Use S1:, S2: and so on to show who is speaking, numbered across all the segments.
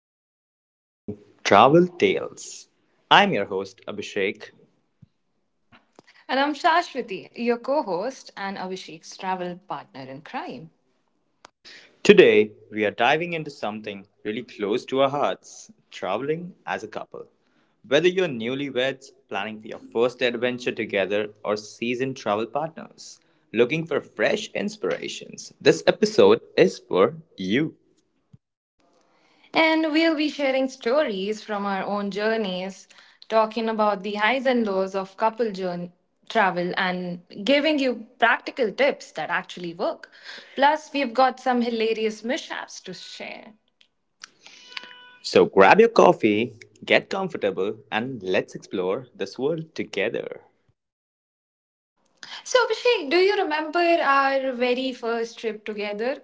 S1: and welcome to Travel Tales. I'm your host, Abhishek.
S2: And I'm Shashwati, your co host and Abhishek's travel partner in crime.
S1: Today, we are diving into something really close to our hearts traveling as a couple. Whether you're newlyweds planning for your first adventure together or seasoned travel partners looking for fresh inspirations, this episode is for you.
S2: And we'll be sharing stories from our own journeys, talking about the highs and lows of couple journey, travel, and giving you practical tips that actually work. Plus, we've got some hilarious mishaps to share.
S1: So grab your coffee, get comfortable, and let's explore this world together.
S2: So, Abhishek, do you remember our very first trip together?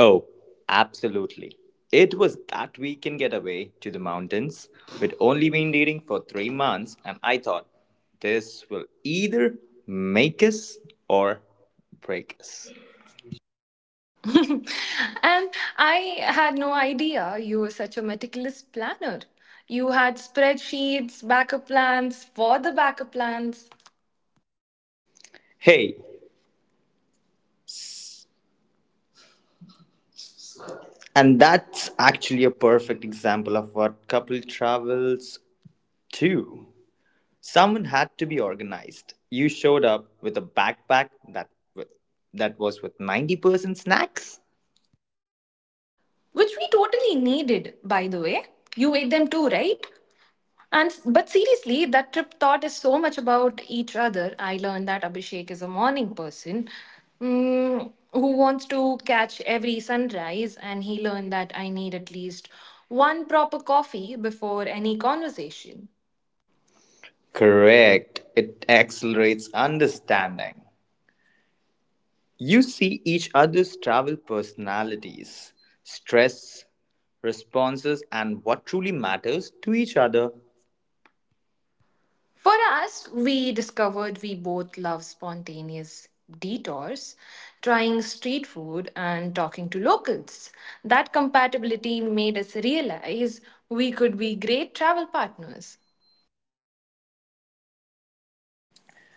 S1: Oh, absolutely. It was that weekend getaway to the mountains. We'd only been dating for 3 months, and I thought this will either make us or break us.
S2: And I had no idea you were such a meticulous planner. You had spreadsheets, backup plans for the backup plans,
S1: Hey, and that's actually a perfect example of what couple travels to. Someone had to be organized. You showed up with a backpack that was with 90% snacks.
S2: which we totally needed, by the way. You ate them too, right? And but seriously, that trip thought is so much about each other. I learned that Abhishek is a morning person who wants to catch every sunrise, and he learned that I need at least one proper coffee before any conversation.
S1: Correct. It accelerates understanding. You see each other's travel personalities, stress, responses, and what truly matters to each other.
S2: For us, we discovered we both love spontaneous detours, trying street food and talking to locals. That compatibility made us realize we could be great travel partners.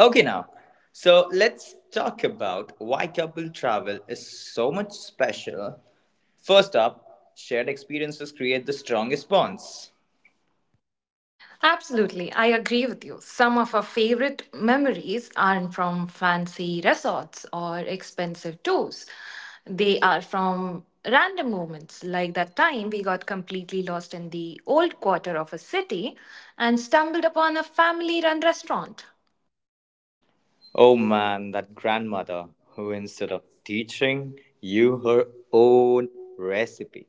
S1: Okay, now, so let's talk about why couple travel is so much special. First up, shared experiences create the strongest bonds.
S2: Absolutely, I agree with you. Some of our favorite memories aren't from fancy resorts or expensive tours. They are from random moments, like that time we got completely lost in the old quarter of a city and stumbled upon a family run restaurant.
S1: Oh man, that grandmother who, instead of teaching you her own recipe,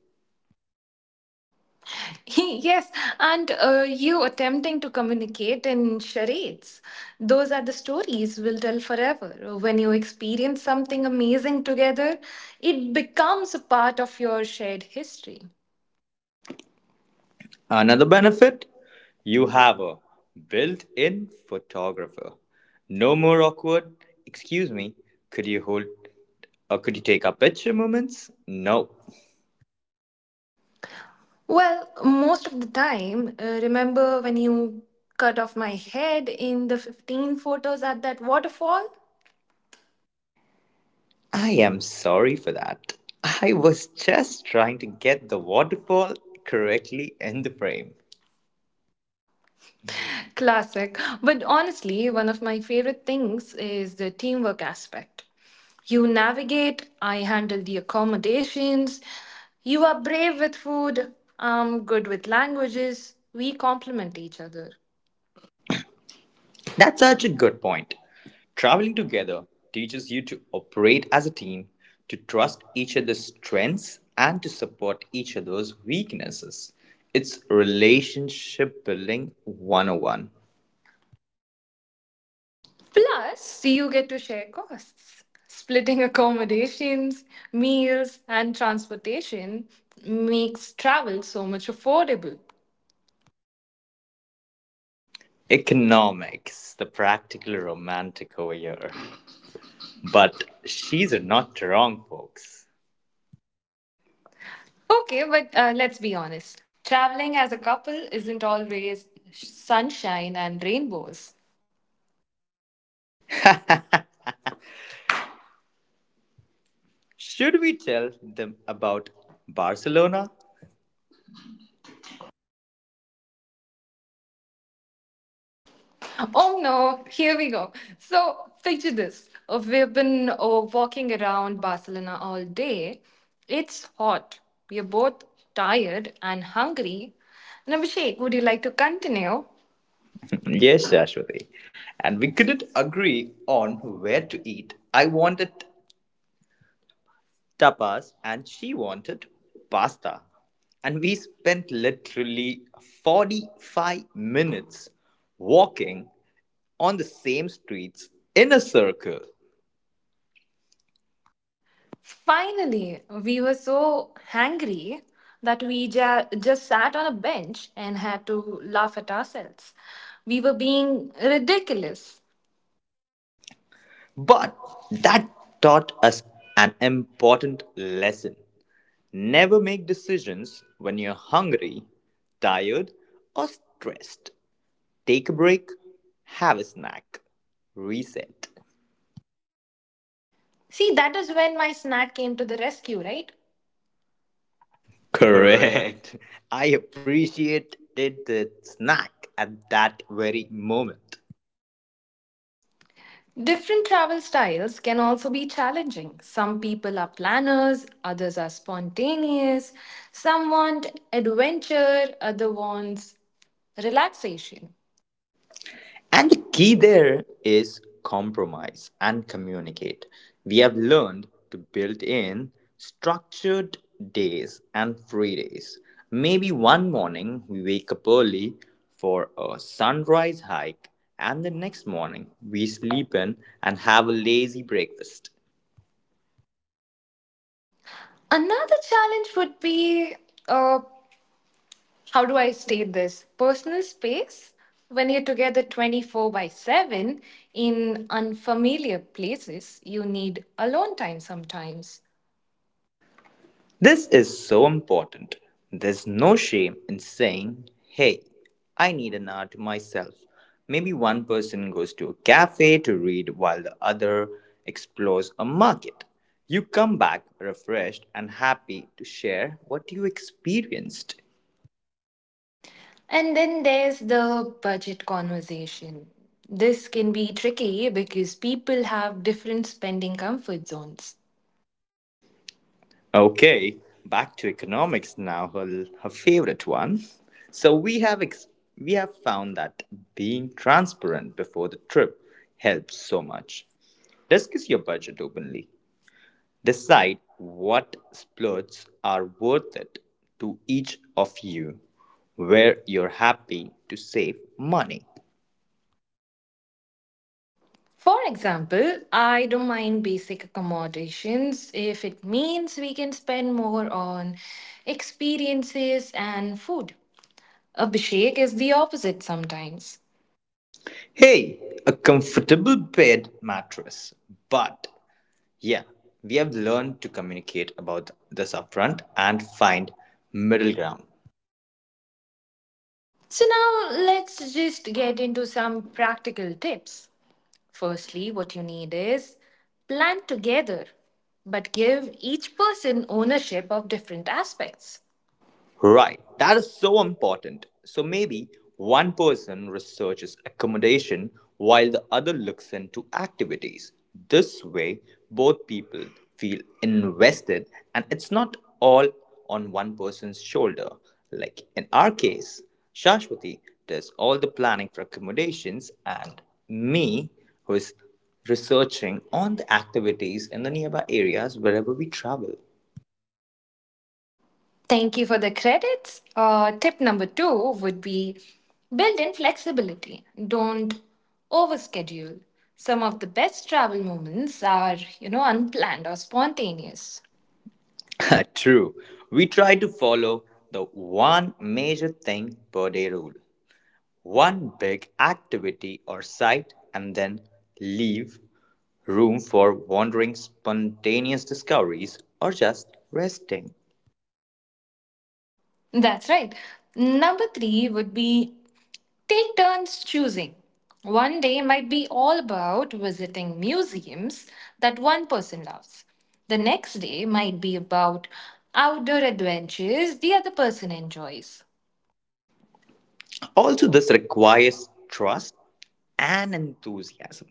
S2: yes, and you attempting to communicate in charades. Those are the stories we'll tell forever. When you experience something amazing together, it becomes a part of your shared history.
S1: another benefit? You have a built in photographer. No more awkward, excuse me, could you hold or could you take a picture moments? No.
S2: Well, most of the time, remember when you cut off my head in the 15 photos at that waterfall?
S1: I am sorry for that. I was just trying to get the waterfall correctly in the frame.
S2: Classic. But honestly, one of my favorite things is the teamwork aspect. You navigate, I handle the accommodations, you are brave with food, I'm good with languages, we complement each other.
S1: That's such a good point. Traveling together teaches you to operate as a team, to trust each other's strengths, and to support each other's weaknesses. It's relationship building 101.
S2: Plus, you get to share costs. Splitting accommodations, meals, and transportation makes travel so much affordable.
S1: Economics, the practical romantic over here. But she's not wrong, folks.
S2: Okay, but let's be honest. Traveling as a couple isn't always sunshine and rainbows.
S1: Should we tell them about Barcelona?
S2: Oh no, here we go. So, picture this. We've been walking around Barcelona all day. It's hot. We're both tired and hungry. Nabishek, would you like to continue?
S1: Yes, Ashwati. And we couldn't agree on where to eat. I wanted tapas and she wanted pasta. And we spent literally 45 minutes walking on the same streets in a circle.
S2: Finally, we were so hangry that we just sat on a bench and had to laugh at ourselves. We were being ridiculous.
S1: But that taught us an important lesson. Never make decisions when you're hungry, tired, or stressed. Take a break, have a snack, reset.
S2: See, that is when my snack came to the rescue, right? Correct.
S1: Correct. I appreciated the snack at that very moment.
S2: Different travel styles can also be challenging. Some people are planners, others are spontaneous. Some want adventure, other wants relaxation.
S1: And the key there is compromise and communicate. We have learned to build in structured days and free days. Maybe one morning we wake up early for a sunrise hike, and the next morning we sleep in and have a lazy breakfast.
S2: Another challenge would be uh, how do I state this? Personal space, when you're together 24 by 7 in unfamiliar places, you need alone time sometimes.
S1: This is so important. There's no shame in saying, hey, I need an hour to myself. Maybe one person goes to a cafe to read while the other explores a market. You come back refreshed and happy to share what you experienced.
S2: And then there's the budget conversation. This can be tricky because people have different spending comfort zones.
S1: Okay, back to economics now, her favorite one. So we have found that being transparent before the trip helps so much. Discuss your budget openly. Decide what splurges are worth it to each of you, where you're happy to save money.
S2: For example, I don't mind basic accommodations if it means we can spend more on experiences and food. Abhishek is the opposite sometimes.
S1: Hey, a comfortable bed mattress. But yeah, we have learned to communicate about this upfront and find middle ground.
S2: So now let's just get into some practical tips. Firstly, what you need is plan together, but give each person ownership of different aspects.
S1: Right, that is so important. So maybe one person researches accommodation while the other looks into activities. This way, both people feel invested and it's not all on one person's shoulder. Like in our case, Shashwati does all the planning for accommodations and me who is researching on the activities in the nearby areas wherever we travel.
S2: Thank you for the credits. Tip number two would be build in flexibility. Don't overschedule. Some of the best travel moments are, you know, unplanned or spontaneous.
S1: True. We try to follow the one major thing per day rule, one big activity or site, and then leave room for wandering, spontaneous discoveries, or just resting.
S2: That's right. Number three would be take turns choosing. One day might be all about visiting museums that one person loves. The next day might be about outdoor adventures the other person enjoys.
S1: Also, this requires trust and enthusiasm.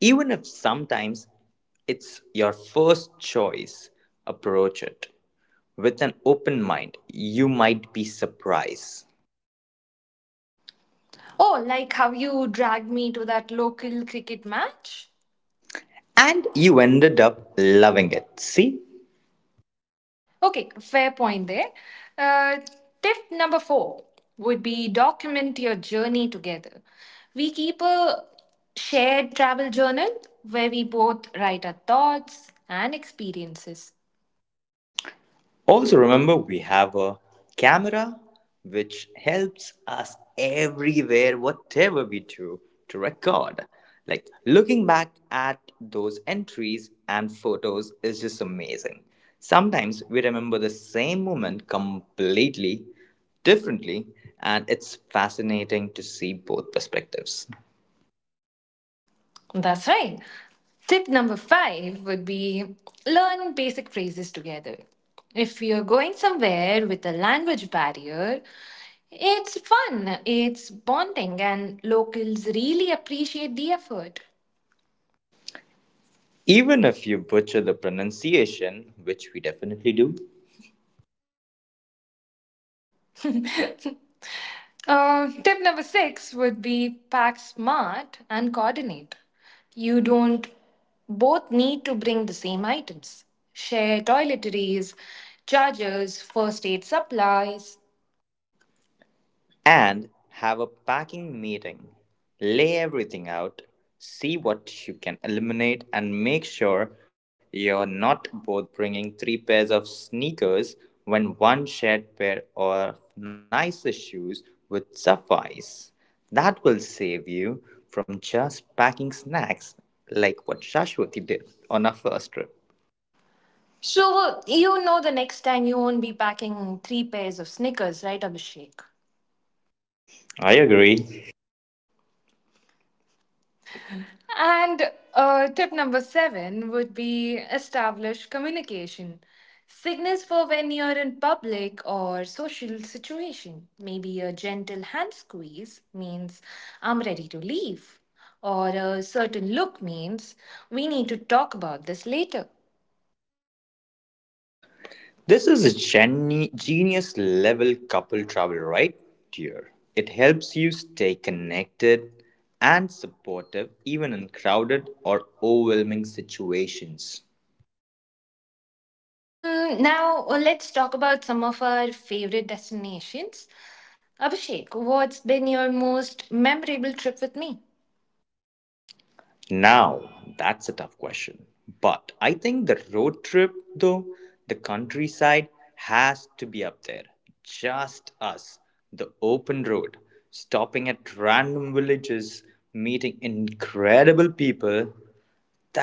S1: Even if sometimes it's your first choice, approach it with an open mind. You might be surprised.
S2: Oh, like how you dragged me to that local cricket match?
S1: And you ended up loving it. See?
S2: Okay, fair point there. Uh, Tip number four would be document your journey together. We keep a shared travel journal where we both write our thoughts and experiences.
S1: Also, remember we have a camera which helps us everywhere, whatever we do, to record. Like looking back at those entries and photos is just amazing. Sometimes we remember the same moment completely differently, and it's fascinating to see both perspectives.
S2: That's right. Tip number five would be learn basic phrases together. If you're going somewhere with a language barrier, it's fun, it's bonding, and locals really appreciate the effort.
S1: Even if you butcher the pronunciation, which we definitely do,
S2: Tip number six would be pack smart and coordinate. You don't both need to bring the same items. Share toiletries, chargers, first aid supplies.
S1: and have a packing meeting. Lay everything out, see what you can eliminate, and make sure you're not both bringing three pairs of sneakers when one shared pair of nicer shoes would suffice. That will save you from just packing snacks like what Shashwati did on our first trip.
S2: So you know the next time you won't be packing three pairs of Snickers, right, Abhishek?
S1: I agree.
S2: And tip number seven would be establish communication. Signals for when you're in public or social situation. Maybe a gentle hand squeeze means I'm ready to leave, or a certain look means we need to talk about this later.
S1: This is a genius level couple travel right here. It helps you stay connected and supportive even in crowded or overwhelming situations.
S2: Now let's talk about some of our favorite destinations. Abhishek, what's been your most memorable trip with me?
S1: Now, that's a tough question. But I think the road trip, though, the countryside has to be up there. Just us, the open road, stopping at random villages, meeting incredible people,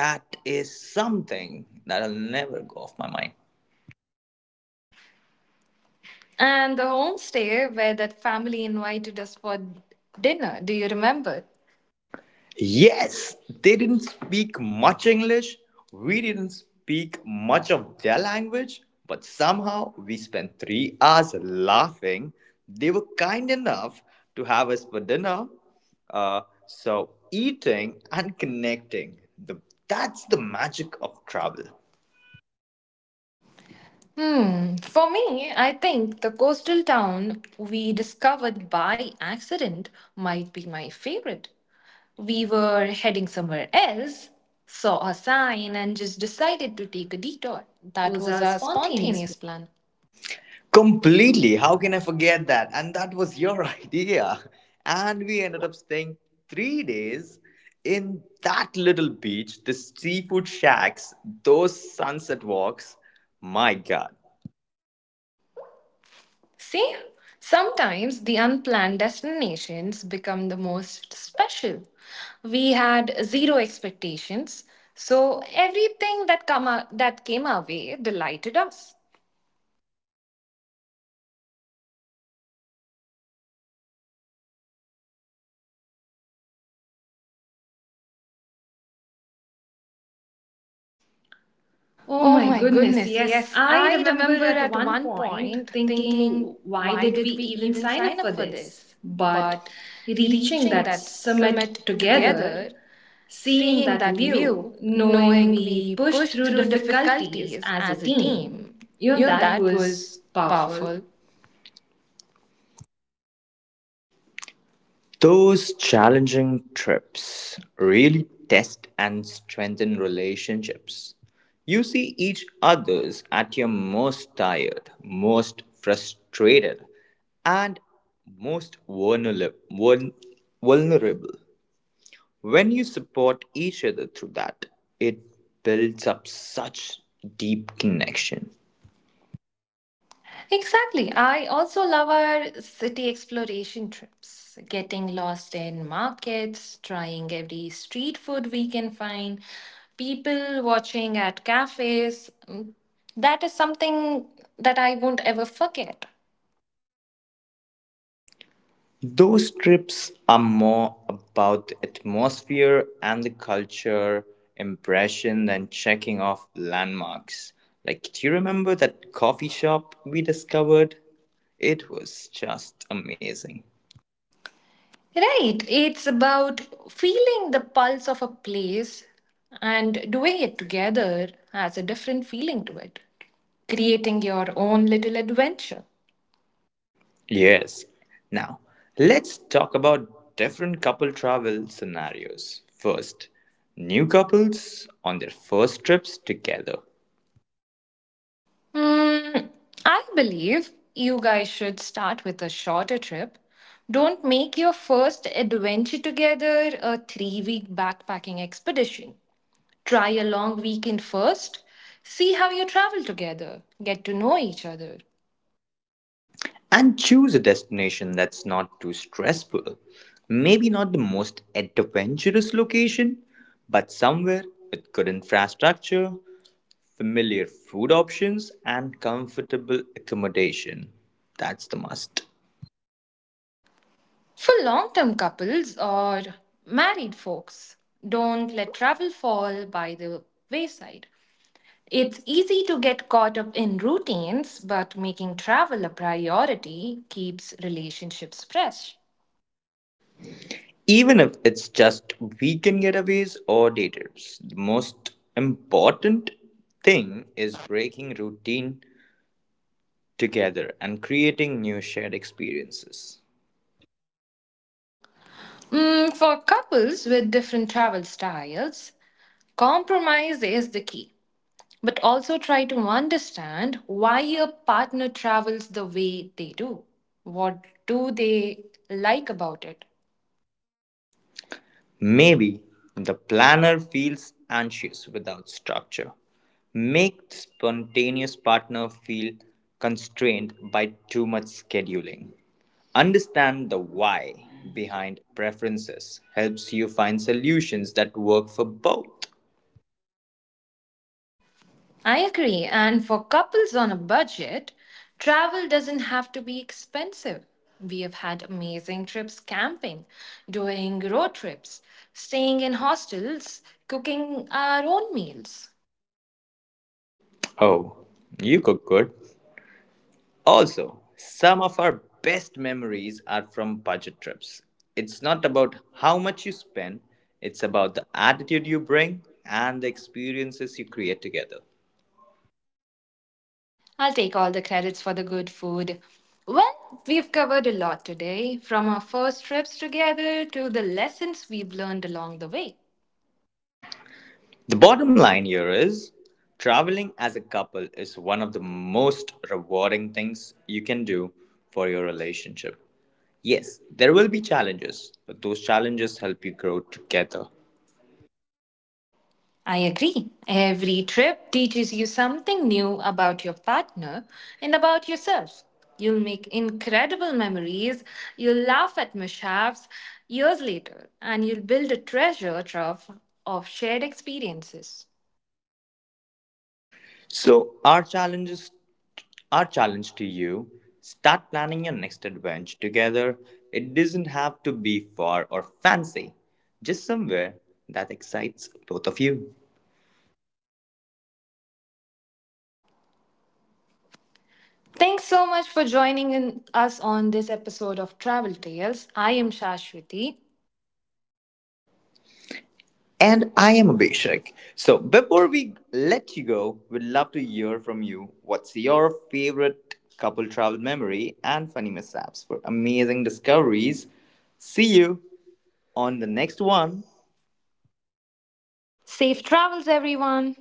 S1: that is something that'll never go off my mind.
S2: And the homestay where that family invited us for dinner, do you remember?
S1: Yes, they didn't speak much English. We didn't speak much of their language, but somehow we spent 3 hours laughing. They were kind enough to have us for dinner. Uh, so, eating and connecting, that's the magic of travel.
S2: For me, I think the coastal town we discovered by accident might be my favorite. We were heading somewhere else, saw a sign, and just decided to take a detour.
S1: That
S2: That
S1: was
S2: was
S1: a
S2: our
S1: spontaneous.
S2: spontaneous plan.
S1: Completely. How can I forget that? And that was your idea. And we ended up staying 3 days in that little beach, the seafood shacks, those sunset walks. My God.
S2: See, sometimes the unplanned destinations become the most special. We had zero expectations, so everything that came our way delighted us.
S1: Oh
S2: Oh
S1: my
S2: my
S1: goodness,
S2: goodness,
S1: yes.
S2: yes.
S1: I
S2: I
S1: remember
S2: remember
S1: at
S2: at
S1: one
S2: one
S1: point
S2: point
S1: thinking,
S2: thinking,
S1: why
S2: why
S1: did we
S2: did we
S1: even
S2: even
S1: sign
S2: sign
S1: up
S2: up
S1: for
S2: for
S1: this?
S2: this?
S1: But
S2: But
S1: reaching
S2: reaching
S1: that
S2: that summit
S1: summit together,
S2: together,
S1: seeing
S2: seeing
S1: that
S2: that
S1: view,
S2: view,
S1: knowing
S2: knowing
S1: we
S2: we
S1: pushed
S2: pushed
S1: through
S2: through
S1: difficulties
S2: difficulties
S1: as a
S2: as a
S1: team,
S2: team,
S1: you know,
S2: you know,
S1: that
S2: that
S1: was
S2: was
S1: powerful.
S2: powerful.
S1: Those challenging trips really test and strengthen relationships. You see each other's at your most tired, most frustrated, and most vulnerable. When you support each other through that, it builds up such deep connection.
S2: Exactly. I also love our city exploration trips, getting lost in markets, trying every street food we can find, people watching at cafes. That is something that I won't ever forget.
S1: Those trips are more about the atmosphere and the culture impression than checking off landmarks. Like, do you remember that coffee shop we discovered? It was just amazing.
S2: Right. It's about feeling the pulse of a place, and doing it together has a different feeling to it, creating your own little adventure.
S1: Yes. Now, let's talk about different couple travel scenarios. First, new couples on their first trips together.
S2: Mm, I believe you guys should start with a shorter trip. Don't make your first adventure together a 3-week backpacking expedition. Try a long weekend first. See how you travel together, get to know each other.
S1: And choose a destination that's not too stressful. Maybe not the most adventurous location, but somewhere with good infrastructure, familiar food options, and comfortable accommodation. That's the must.
S2: For long term couples or married folks, don't let travel fall by the wayside. It's easy to get caught up in routines, but making travel a priority keeps relationships fresh.
S1: Even if it's just weekend getaways or day trips. The most important thing is breaking routine together and creating new shared experiences.
S2: For couples with different travel styles, compromise is the key. But also try to understand why your partner travels the way they do. What do they like about it?
S1: Maybe the planner feels anxious without structure. Make the spontaneous partner feel constrained by too much scheduling. Understand the why behind preferences helps you find solutions that work for both.
S2: I agree. And for couples on a budget, travel doesn't have to be expensive. We have had amazing trips camping, doing road trips, staying in hostels, cooking our own meals.
S1: Oh, you cook good. Also, some of our best memories are from budget trips. It's not about how much you spend, it's about the attitude you bring and the experiences you create together.
S2: I'll take all the credits for the good food. Well, we've covered a lot today, from our first trips together to the lessons we've learned along the way.
S1: The bottom line here is traveling as a couple is one of the most rewarding things you can do for your relationship. Yes, there will be challenges, but those challenges help you grow together.
S2: I agree. Every trip teaches you something new about your partner and about yourself. You'll make incredible memories, you'll laugh at mishaps years later, and you'll build a treasure trove of shared experiences.
S1: So, our challenges Our challenge to you, start planning your next adventure together. It doesn't have to be far or fancy, just somewhere that excites both of you.
S2: Thanks so much for joining in us on this episode of Travel Tales. I am Shashwati.
S1: And I am Abhishek. So before we let you go, we'd love to hear from you. What's your favorite couple travel memory and funny mishaps for amazing discoveries? See you on the next one.
S2: Safe travels, everyone.